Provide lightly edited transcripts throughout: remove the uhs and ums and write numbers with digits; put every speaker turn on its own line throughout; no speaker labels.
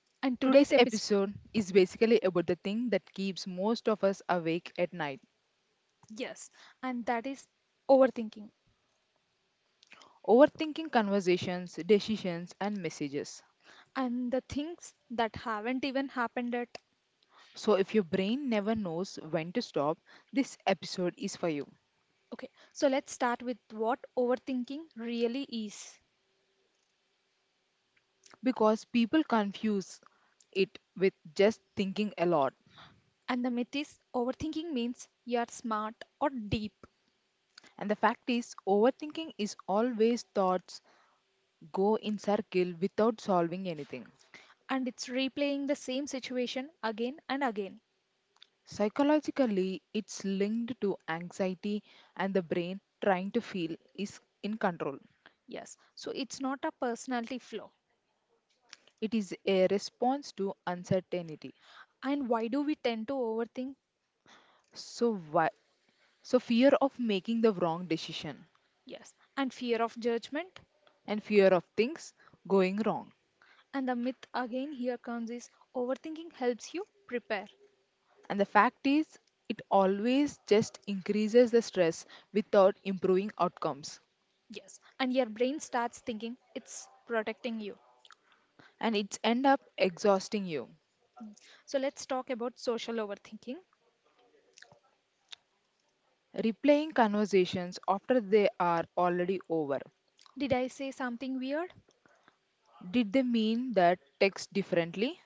and today's
Today's
episode,
episode is basically about the thing that keeps most of us awake at night
yes, and that is overthinking,
overthinking conversations, decisions, and messages.
and the things that haven't even happened yet.
So, if your brain never knows when to stop, this episode is for you
Okay, so let's start with what overthinking really is.
because people confuse it with just thinking a lot.
And the myth is overthinking means you are smart or deep,
And the fact is, overthinking is always thoughts go in circle without solving anything.
and it's replaying the same situation again and again.
Psychologically, it's linked to anxiety and the brain trying to feel is in control.
Yes, so it's not a personality flaw.
It is a response to uncertainty.
And why do we tend to overthink?
So, fear of making the wrong decision
Yes, and fear of judgment.
and fear of things going wrong.
And the myth again here comes is overthinking helps you prepare.
And the fact is, it always just increases the stress without improving outcomes,
Yes, and your brain starts thinking it's protecting you.
and it's end up exhausting you.
So let's talk about social overthinking.
Replaying conversations after they are already over.
Did I say something weird?
Did they mean that text differently?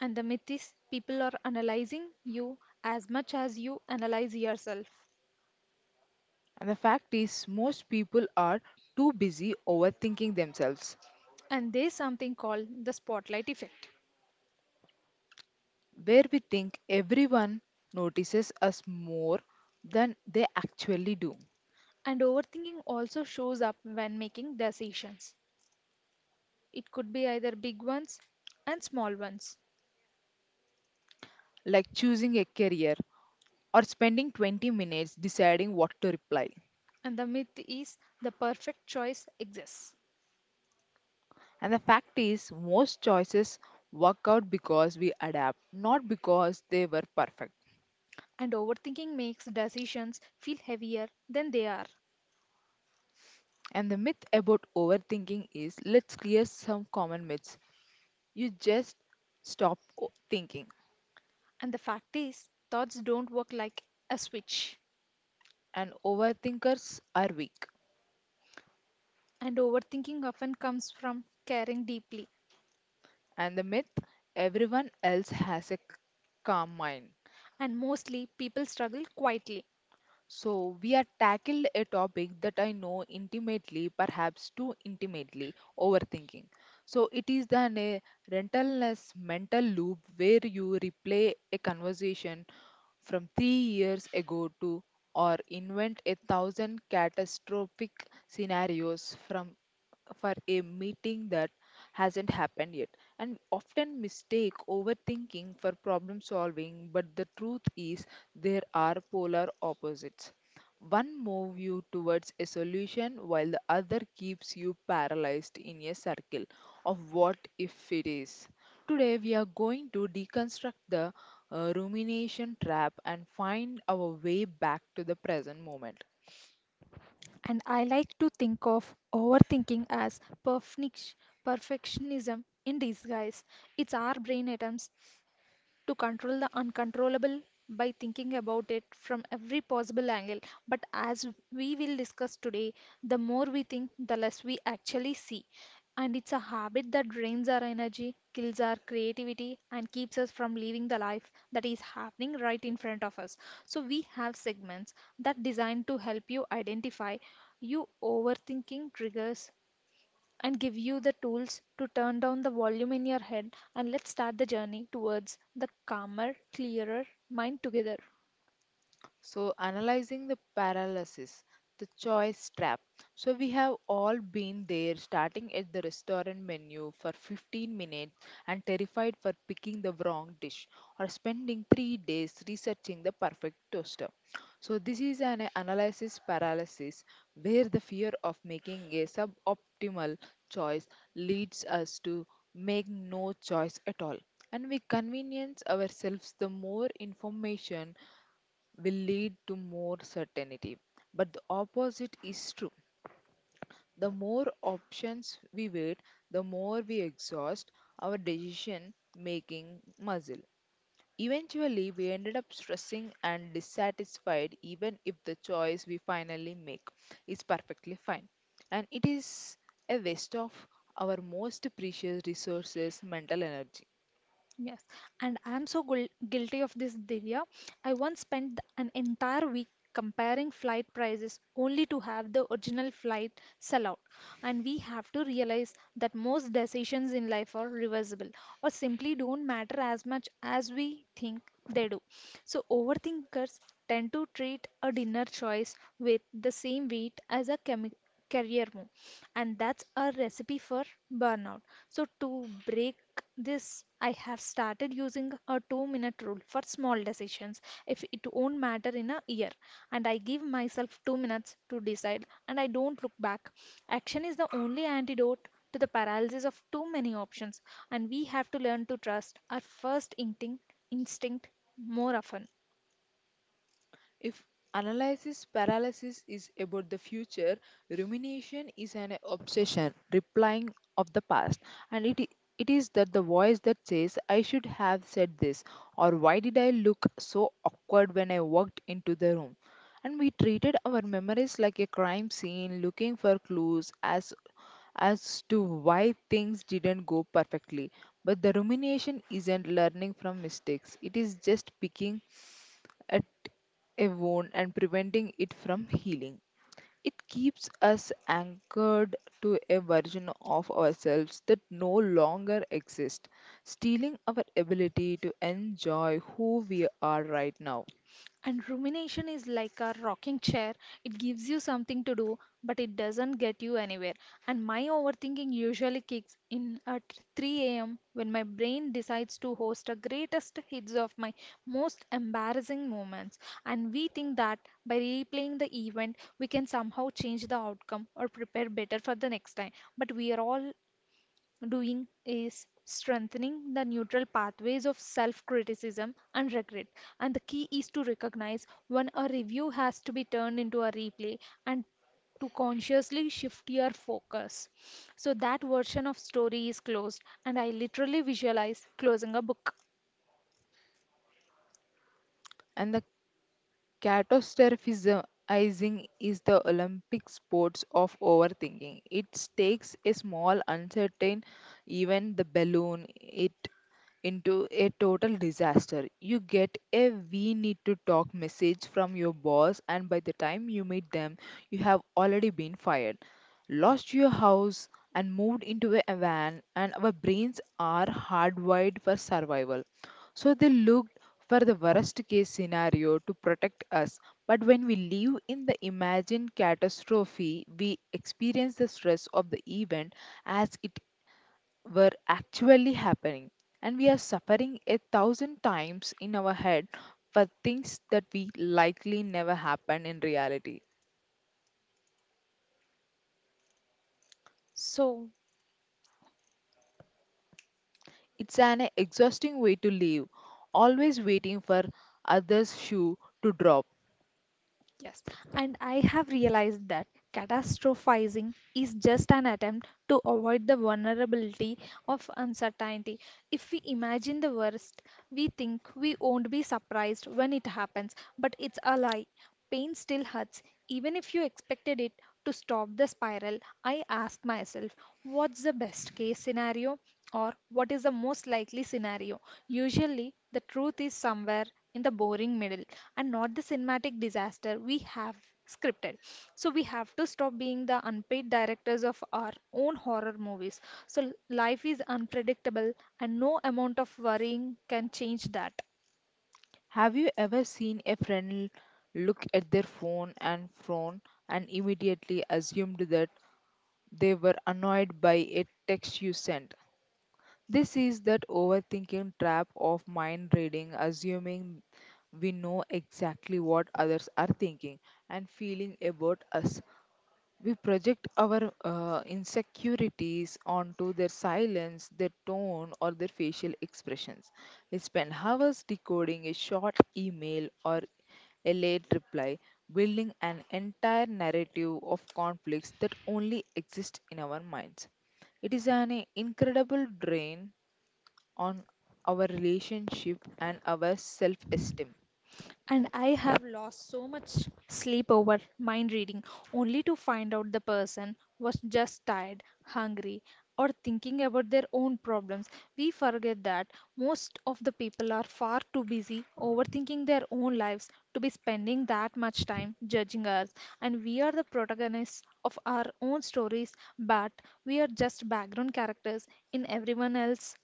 And the myth is people are analyzing you as much as you analyze yourself.
And the fact is, most people are too busy overthinking themselves,
And there's something called the spotlight effect.
where we think everyone notices us more than they actually do,
And overthinking also shows up when making decisions. It could be either big ones and small ones.
like choosing a career or spending 20 minutes deciding what to reply.
And the myth is the perfect choice exists.
And the fact is, most choices work out because we adapt, not because they were perfect.
And overthinking makes decisions feel heavier than they are.
And the myth about overthinking is let's clear some common myths. You just stop thinking.
And the fact is, thoughts don't work like a switch.
And overthinkers are weak.
And overthinking often comes from caring deeply.
And the myth everyone else has a calm mind.
And mostly, people struggle quietly.
So, we are tackled a topic that I know intimately, perhaps too intimately, overthinking. So, it is then a rentless mental loop where you replay a conversation from 3 years ago to or invent a thousand catastrophic scenarios from for a meeting that hasn't happened yet, and often mistake overthinking for problem solving. But the truth is, there are polar opposites. One moves you towards a solution while the other keeps you paralyzed in a circle of what if it is. Today we are going to deconstruct the rumination trap and find our way back to the present moment.
And I like to think of overthinking as perfnic- perfectionism in disguise. It's our brain atoms to control the uncontrollable by thinking about it from every possible angle. But as we will discuss today, the more we think, the less we actually see. And it's a habit that drains our energy, kills our creativity, and keeps us from living the life that is happening right in front of us. So, we have segments that designed to help you identify you overthinking triggers and give you the tools to turn down the volume in your head, and let's start the journey towards the calmer, clearer mind together.
So, analyzing the paralysis, the choice trap. So, we have all been there starting at the restaurant menu for 15 minutes and terrified for picking the wrong dish or spending 3 days researching the perfect toaster. So, this is an analysis paralysis where the fear of making a suboptimal choice leads us to make no choice at all. And we convenience ourselves the more information will lead to more certainty. But the opposite is true. The more options we wait, the more we exhaust our decision making muscle. Eventually, we ended up stressing and dissatisfied, even if the choice we finally make is perfectly fine. And it is a waste of our most precious resources mental energy.
Yes, and I'm guilty of this, Divya. I once spent an entire week comparing flight prices only to have the original flight sell out. And we have to realize that most decisions in life are reversible or simply don't matter as much as we think they do. So, overthinkers tend to treat a dinner choice with the same weight as a chemi career move, and that's a recipe for burnout. So, to break this, I have started using a 2 minute rule for small decisions if it won't matter in a year. And I give myself 2 minutes to decide, and I don't look back. Action is the only antidote to the paralysis of too many options, and we have to learn to trust our first instinct more often.
If analysis paralysis is about the future, rumination is an obsession, replying of the past. And it, i- it is that the voice that says, I should have said this, or why did I look so awkward when I walked into the room? And we treated our memories like a crime scene, looking for clues as to why things didn't go perfectly. But the rumination isn't learning from mistakes, it is just picking at a wound and preventing it from healing. It keeps us anchored to a version of ourselves that no longer exists, stealing our ability to enjoy who we are right now.
And rumination is like a rocking chair. It gives you something to do, but it doesn't get you anywhere. And my overthinking usually kicks in at 3 a.m. when my brain decides to host a greatest hits of my most embarrassing moments. And we think that by replaying the event, we can somehow change the outcome or prepare better for the next time. But we are all doing is strengthening the neutral pathways of self criticism and regret. And the key is to recognize when a review has to be turned into a replay and to consciously shift your focus. So that version of story is closed, and I literally visualize closing a book.
And the Catastrophizing is the Olympic sports of overthinking. It takes a small uncertain event, the balloon, it into a total disaster. You get a we need to talk message from your boss, and by the time you meet them, you have already been fired, lost your house, and moved into a van, and our brains are hardwired for survival. So they looked for the worst case scenario to protect us. But when we live in the imagined catastrophe, we experience the stress of the event as it were actually happening. And we are suffering a thousand times in our head for things that we likely never happen in reality.
So,
It's an exhausting way to live, always waiting for others' shoe to drop.
Yes, and I have realized that catastrophizing is just an attempt to avoid the vulnerability of uncertainty. If we imagine the worst, we think we won't be surprised when it happens, but it's a lie. Pain still hurts, even if you expected it to stop the spiral. I ask myself, what's the best case scenario or what is the most likely scenario? Usually, the truth is somewhere in the boring middle and not the cinematic disaster we have scripted. So, we have to stop being the unpaid directors of our own horror movies. So, life is unpredictable, and no amount of worrying can change that.
Have you ever seen a friend look at their phone and frown and immediately assumed that they were annoyed by a text you sent? This is that overthinking trap of mind reading, assuming we know exactly what others are thinking and feeling about us. We project our insecurities onto their silence, their tone, or their facial expressions. We spend hours decoding a short email or a late reply, building an entire narrative of conflicts that only exist in our minds. It is an incredible drain on our relationship and our self esteem.
And I have lost so much sleep over mind reading only to find out the person was just tired, hungry, or thinking about their own problems. We forget that most of the people are far too busy overthinking their own lives to be spending that much time judging us. And we are the protagonists of our own stories, but we are just background characters in everyone else's.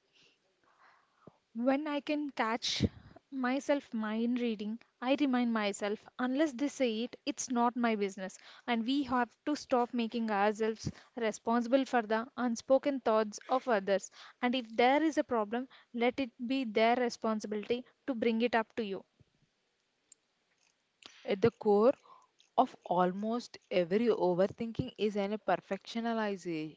When I can catch myself mind reading, I remind myself, unless they say it, it's not my business. And we have to stop making ourselves responsible for the unspoken thoughts of others. And if there is a problem, let it be their responsibility to bring it up to you.
At the core of almost every overthinking is an perfectionization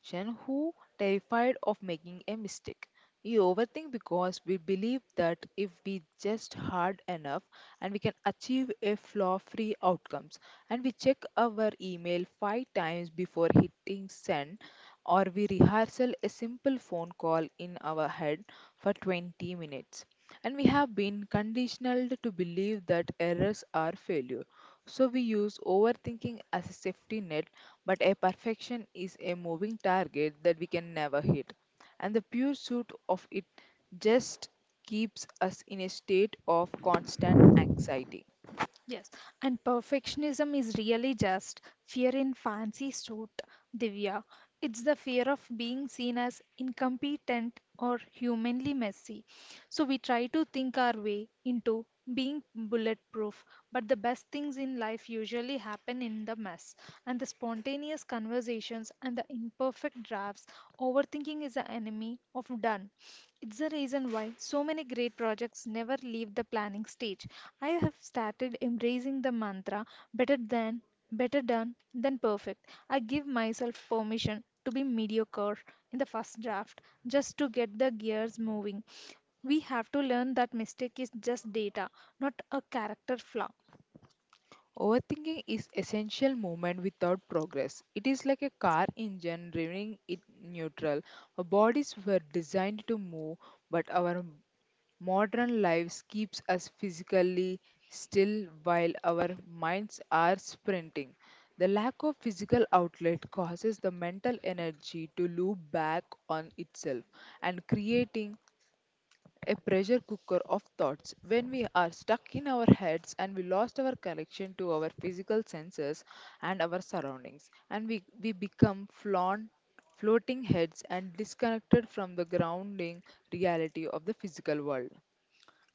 Gen who terrified of making a mistake. We overthink because we believe that if we just hard enough and we can achieve a flaw-free outcomes, and we check our email 5 times before hitting send or we rehearsal a simple phone call in our head for 20 minutes, and we have been conditioned to believe that errors are failure, so we use overthinking as a safety net. But a perfection is a moving target that we can never hit. And the pursuit of it just keeps us in a state of constant anxiety.
Yes, and perfectionism is really just fear in fancy suit, Divya. It's the fear of being seen as incompetent or humanly messy. So we try to think our way into being bulletproof, but the best things in life usually happen in the mess. And the spontaneous conversations and the imperfect drafts, overthinking is the enemy of done. It's the reason why so many great projects never leave the planning stage. I have started embracing the mantra better than, better done than perfect. I give myself permission to be mediocre in the first draft just to get the gears moving. We have to learn that mistake is just data, not a character flaw.
Overthinking is essential movement without progress. It is like a car engine running in neutral. Our bodies were designed to move, but our Modern lives keeps us physically still while our minds are sprinting. The lack of physical outlet causes the mental energy to loop back on itself and creating a pressure cooker of thoughts. When we are stuck in our heads and we lost our connection to our physical senses and our surroundings, and we become flaunt floating heads and disconnected from the grounding reality of the physical world.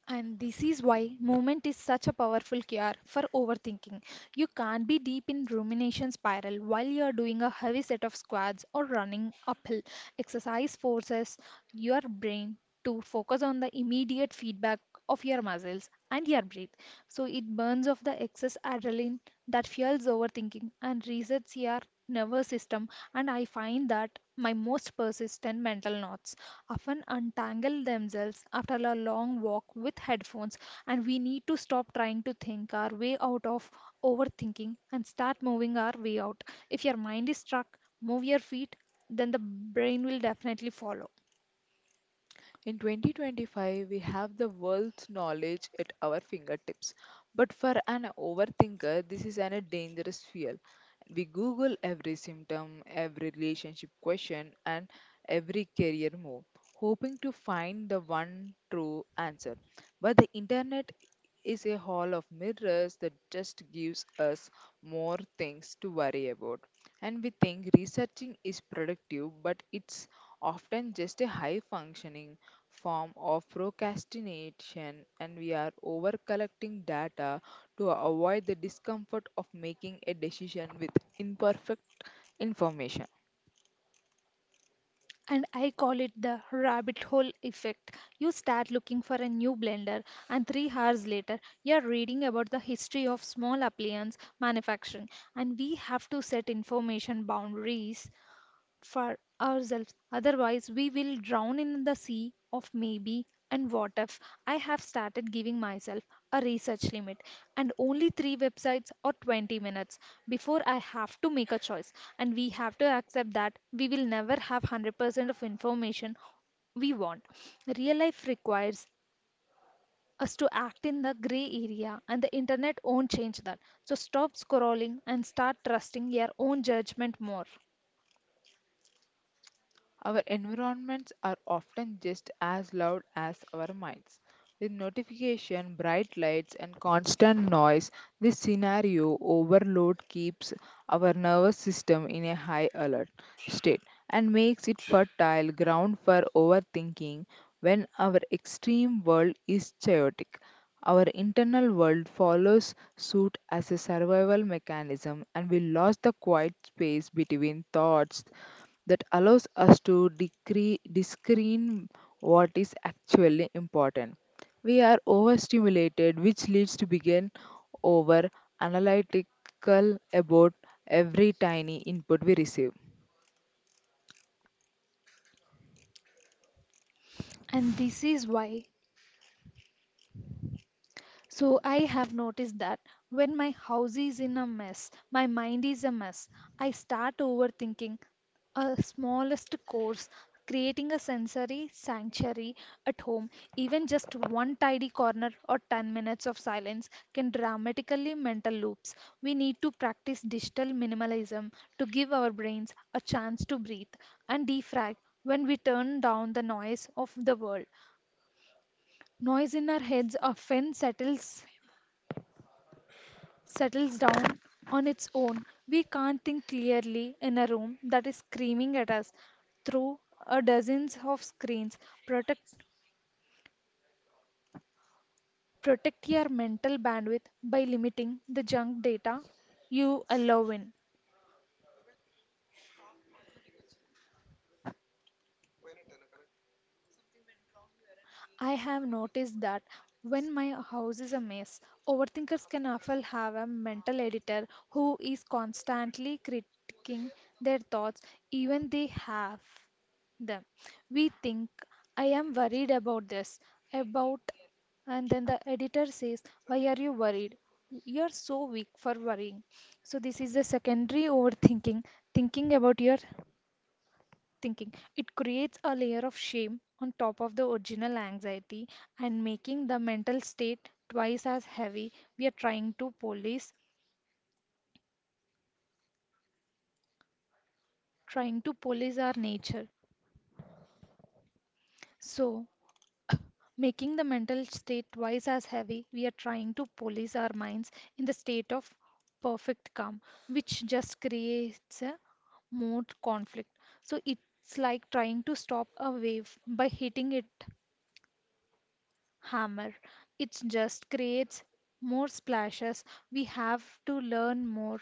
And this is why movement is such a powerful cure for overthinking. You can't be deep in rumination spiral while you're doing a heavy set of squats or running uphill. Exercise forces your brain to focus on the immediate feedback of your muscles and your breath. So it burns off the excess adrenaline that fuels overthinking and resets your nervous system, and I find that my most persistent mental knots often untangle themselves after a long walk with headphones, and we need to stop trying to think our way out of overthinking and start moving our way out. If your mind is stuck, move your feet, then the brain will definitely follow.
In 2025, we have the world's knowledge at our fingertips. But for an overthinker, this is a dangerous fuel. We Google every symptom, every relationship question, and every career move, hoping to find the one true answer. But the internet is a hall of mirrors that just gives us more things to worry about. And we think researching is productive, but it's often just a high functioning form of procrastination, and we are over collecting data to avoid the discomfort of making a decision with imperfect information.
And I call it the rabbit hole effect. You start looking for a new blender, and 3 hours later, you're reading about the history of small appliance manufacturing. And we have to set information boundaries for ourselves. Otherwise, we will drown in the sea of maybe and what if. I have started giving myself a research limit and only three websites or 20 minutes before I have to make a choice. And we have to accept that we will never have 100% of information we want. Real life requires us to act in the gray area, and the internet won't change that. So stop scrolling and start trusting your own judgment more.
Our environments are often just as loud as our minds. With notification, bright lights, and constant noise, this scenario overload keeps our nervous system in a high alert state and makes it fertile ground for overthinking. When our extreme world is chaotic, our internal world follows suit as a survival mechanism, and we lost the quiet space between thoughts that allows us to discern what is actually important. We are overstimulated, which leads to begin over analytical.
And this is why So I have noticed that when my house is in a mess, my mind is a mess. I start overthinking a smallest course, creating a sensory sanctuary at home. Even just one tidy corner or 10 minutes of silence can dramatically mental loops. We need to practice digital minimalism to give our brains a chance to breathe and defrag when we turn down the noise of the world. Noise in our heads often settles down on its own. We can't think clearly in a room that is screaming at us through a dozens of screens. Protect Protect your mental bandwidth by limiting the junk data you allow in. I have noticed that when my house is a mess, overthinkers can often have a mental editor who is constantly critiquing their thoughts, even they have them. We think, I am worried about this, about, and then the editor says, why are you worried? You're so weak for worrying. So, this is the secondary overthinking, thinking about your thinking. It creates a layer of shame on top of the original anxiety and making the mental state twice as heavy. We are trying to police our nature. So, making the mental state twice as heavy, We are trying to police our minds in the state of perfect calm, which just creates a more conflict. So, it's like trying to stop a wave by hitting it hammer. It just creates more splashes. We have to learn more.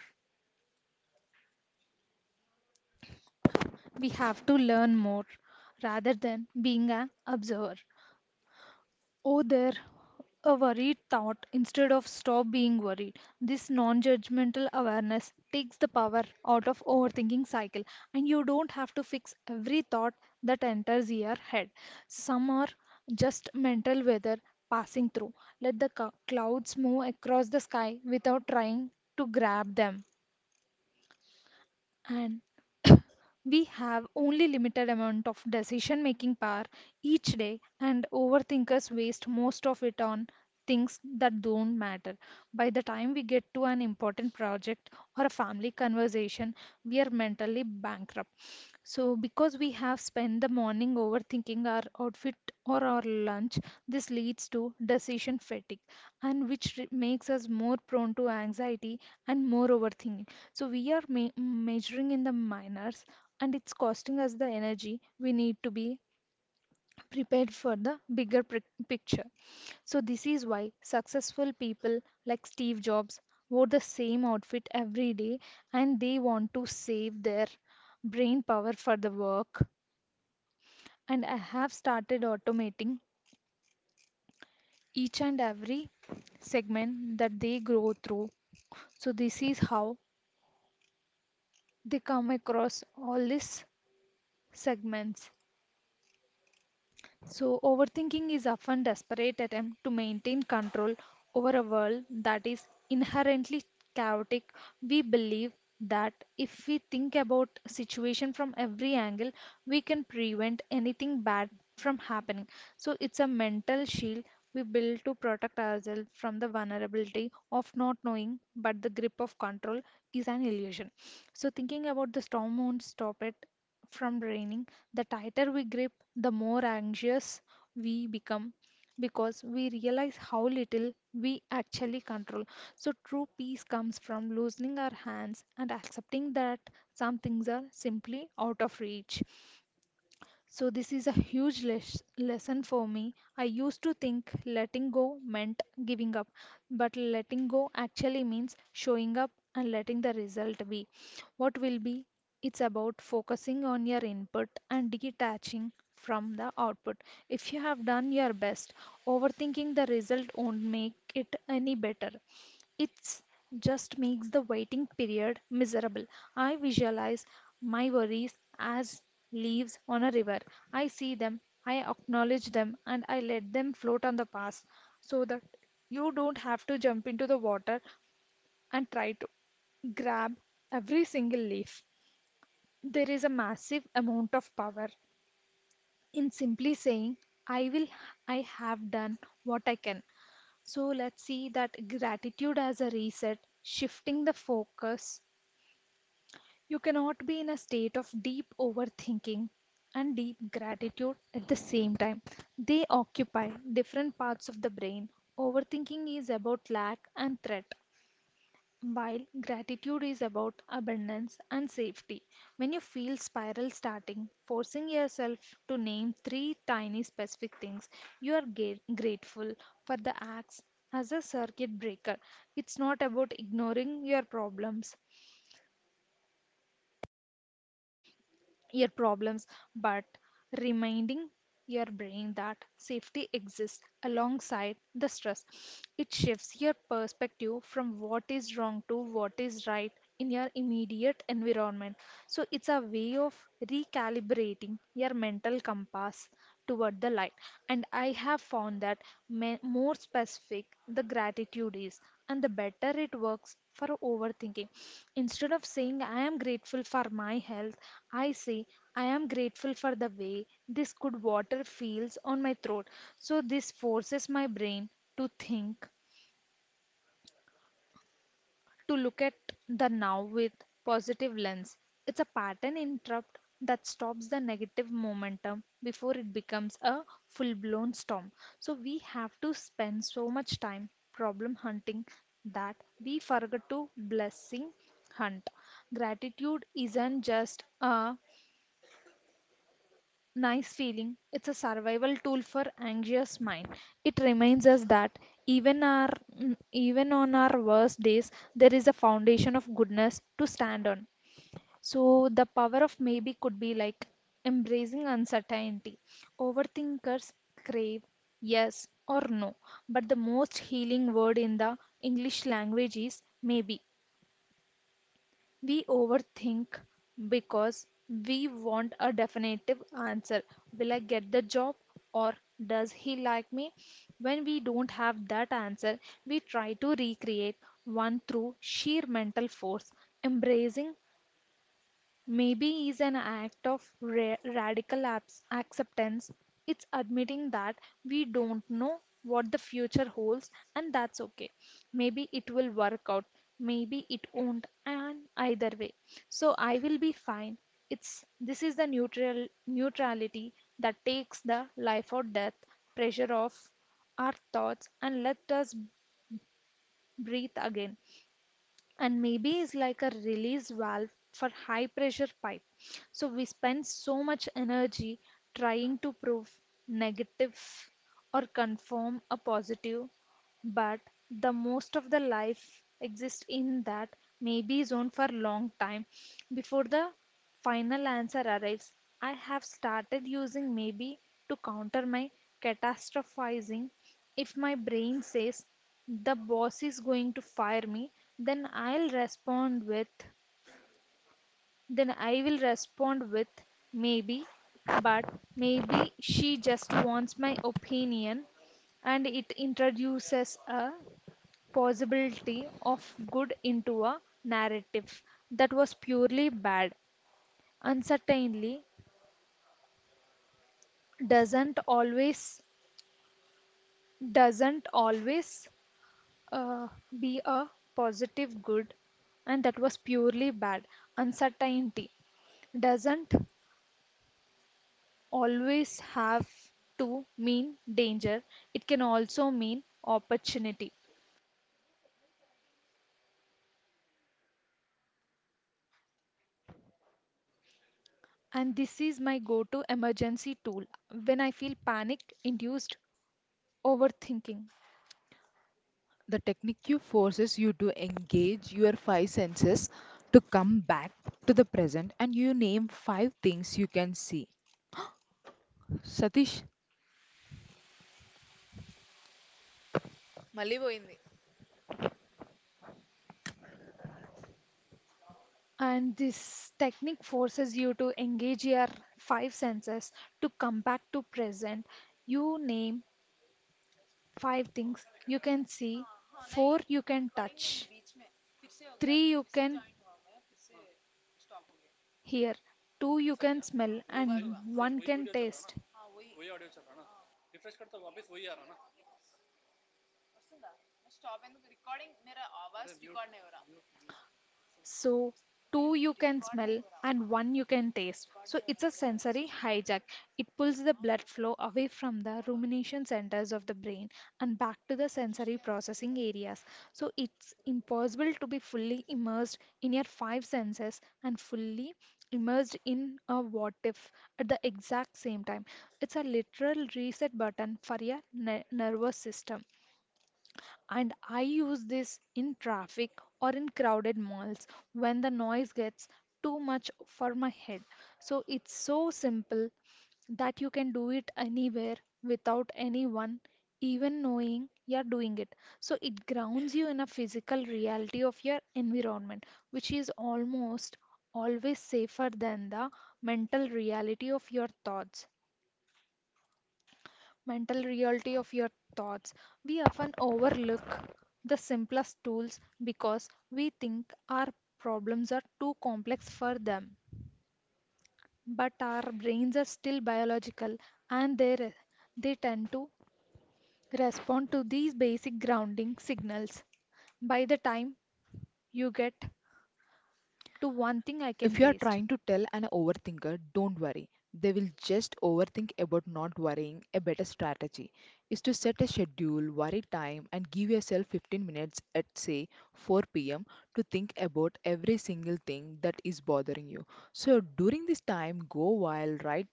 We have to learn more rather than being an observer. Oh, there, a worried thought instead of stop being worried. This non judgmental awareness takes the power out of overthinking cycle, and you don't have to fix every thought that enters your head. Some are just mental weather passing through. Let the clouds move across the sky without trying to grab them, and we have only limited amount of decision making power each day, and overthinkers waste most of it on things that don't matter. By the time we get to an important project or a family conversation, we are mentally bankrupt, so because we have spent the morning overthinking our outfit or our lunch. This leads to decision fatigue, and which makes us more prone to anxiety and more overthinking. So we are measuring in the minors, and it's costing us the energy we need to be prepared for the bigger picture. So this is why successful people like Steve Jobs wore the same outfit every day, and they want to save their brain power for the work. And I have started automating each and every segment that they grow through. So this is how they come across all these segments. So, overthinking is often desperate attempt to maintain control over a world that is inherently chaotic. We believe that if we think about situation from every angle, we can prevent anything bad from happening. So, it's a mental shield we build to protect ourselves from the vulnerability of not knowing, but the grip of control is an illusion. So, thinking about the storm won't stop it, from draining. The tighter we grip, the more anxious we become because we realize how little we actually control. So, true peace comes from loosening our hands and accepting that some things are simply out of reach. So, this is a huge lesson for me. I used to think letting go meant giving up, but letting go actually means showing up and letting the result be. What will be? It's about focusing on your input and detaching from the output. If you have done your best, overthinking the result won't make it any better. It just makes the waiting period miserable. I visualize my worries as leaves on a river. I see them, I acknowledge them, and I let them float on the past, so that you don't have to jump into the water and try to grab every single leaf. There is a massive amount of power in simply saying, I will, I have done what I can. So let's see that gratitude as a reset, shifting the focus. You cannot be in a state of deep overthinking and deep gratitude at the same time. They occupy different parts of the brain. Overthinking is about lack and threat, while gratitude is about abundance and safety. When you feel spiral starting, forcing yourself to name three tiny specific things you are grateful for the acts as a circuit breaker. It's not about ignoring your problems, but reminding your brain that safety exists alongside the stress. It shifts your perspective from what is wrong to what is right in your immediate environment. So, it's a way of recalibrating your mental compass toward the light. And I have found that more specific the gratitude is, and the better it works for overthinking. Instead of saying, I am grateful for my health, I say, I am grateful for the way this good water feels on my throat. So, this forces my brain to think, to look at the now with positive lens. It's a pattern interrupt that stops the negative momentum before it becomes a full-blown storm. So we have to spend so much time problem hunting, that we forget to blessing hunt. Gratitude isn't just a nice feeling. It's a survival tool for anxious mind. It reminds us that even our even on our worst days, there is a foundation of goodness to stand on. So the power of maybe could be like embracing uncertainty. Overthinkers crave yes or no, but the most healing word in the English language is maybe. We overthink because we want a definitive answer. Will I get the job, or does he like me? When we don't have that answer, we try to recreate one through sheer mental force. Embracing Maybe is an act of radical acceptance. It's admitting that we don't know what the future holds, and that's okay. Maybe it will work out, maybe it won't, and either way. So I will be fine. It's this is the neutrality that takes the life or death pressure off our thoughts and let us breathe again. And maybe is like a release valve for high pressure pipe. So we spend so much energy trying to prove negative or confirm a positive, but the most of the life exists in that maybe zone for long time before the final answer arrives. I have started using maybe to counter my catastrophizing. If my brain says the boss is going to fire me, then i'll respond with then I will respond with maybe. But maybe she just wants my opinion, and it introduces a possibility of good into a narrative that was purely bad. Uncertainly doesn't always doesn't always uh, be a positive good and that was purely bad. Uncertainty doesn't always have to mean danger, it can also mean opportunity. And this is my go to emergency tool when I feel panic induced overthinking. And this technique forces you to engage your five senses to come back to present. You name Five things you can see, four you can touch, three you can hear, two you can smell, and one can taste. So, two you can smell and one you can taste. So, it's a sensory hijack. It pulls the blood flow away from the rumination centers of the brain and back to the sensory processing areas. So, it's impossible to be fully immersed in your five senses and fully immersed in a what if at the exact same time. It's a literal reset button for your nervous system. And I use this in traffic or in crowded malls when the noise gets too much for my head. So it's so simple that you can do it anywhere without anyone even knowing you're doing it. So it grounds you in a physical reality of your environment, which is almost always safer than the mental reality of your thoughts mental reality of your thoughts. We often overlook the simplest tools because we think our problems are too complex for them. But our brains are still biological and they tend to respond to these basic grounding signals. By the time you get to one thing I can
If you are
taste,
trying to tell an overthinker, don't worry. They will just overthink about not worrying. A better strategy is to set a schedule, worry time, and give yourself 15 minutes at, say, 4 p.m. to think about every single thing that is bothering you. So during this time, go wild, write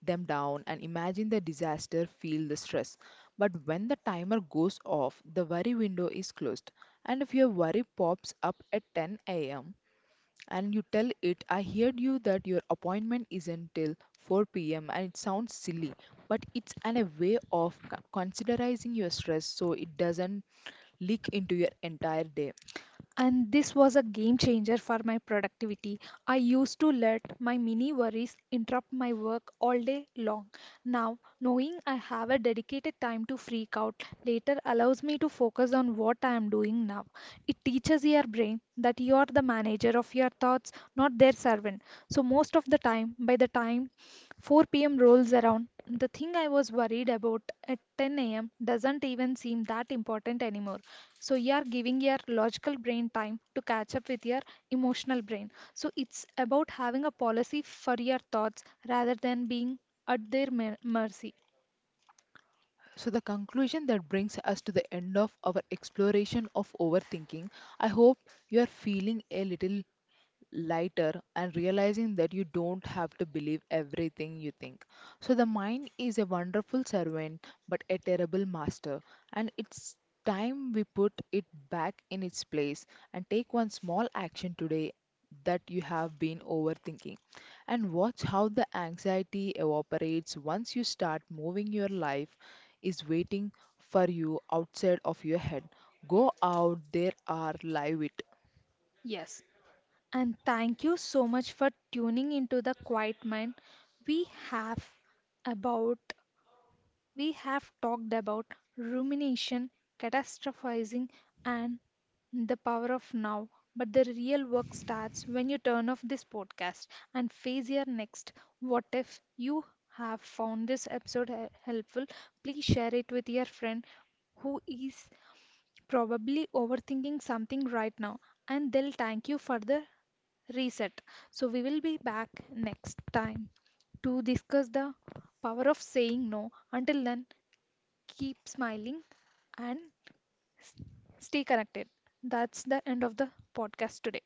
them down, and imagine the disaster, feel the stress. But when the timer goes off, the worry window is closed. And if your worry pops up at 10 a.m., and you tell it, I heard you that your appointment isn't till 4 p.m. and it sounds silly, but it's a way of considerizing your stress so it doesn't leak into your entire day.
And this was a game changer for my productivity. I used to let my mini worries interrupt my work all day long. Now, knowing I have a dedicated time to freak out later allows me to focus on what I am doing now. It teaches your brain that you are the manager of your thoughts, not their servant. So, most of the time, by the time 4 p.m. rolls around, the thing I was worried about at 10 a.m. doesn't even seem that important anymore. So you are giving your logical brain time to catch up with your emotional brain. So it's about having a policy for your thoughts rather than being at their mercy.
So, the conclusion that brings us to the end of our exploration of overthinking, I hope you are feeling a little lighter and realizing that you don't have to believe everything you think. So, the mind is a wonderful servant but a terrible master, and it's time we put it back in its place and take one small action today that you have been overthinking and watch how the anxiety evaporates once you start moving. Your life is waiting for you outside of your head. Go out there are live it.
Yes. And thank you so much for tuning into the Quiet Mind. We have about We have talked about rumination, catastrophizing, and the power of now, but the real work starts when you turn off this podcast and face your next what if. You have found this episode helpful, please share it with your friend who is probably overthinking something right now, and they'll thank you for the reset. So, we will be back next time to discuss the power of saying no. Until then, keep smiling, and stay connected. That's the end of the podcast today.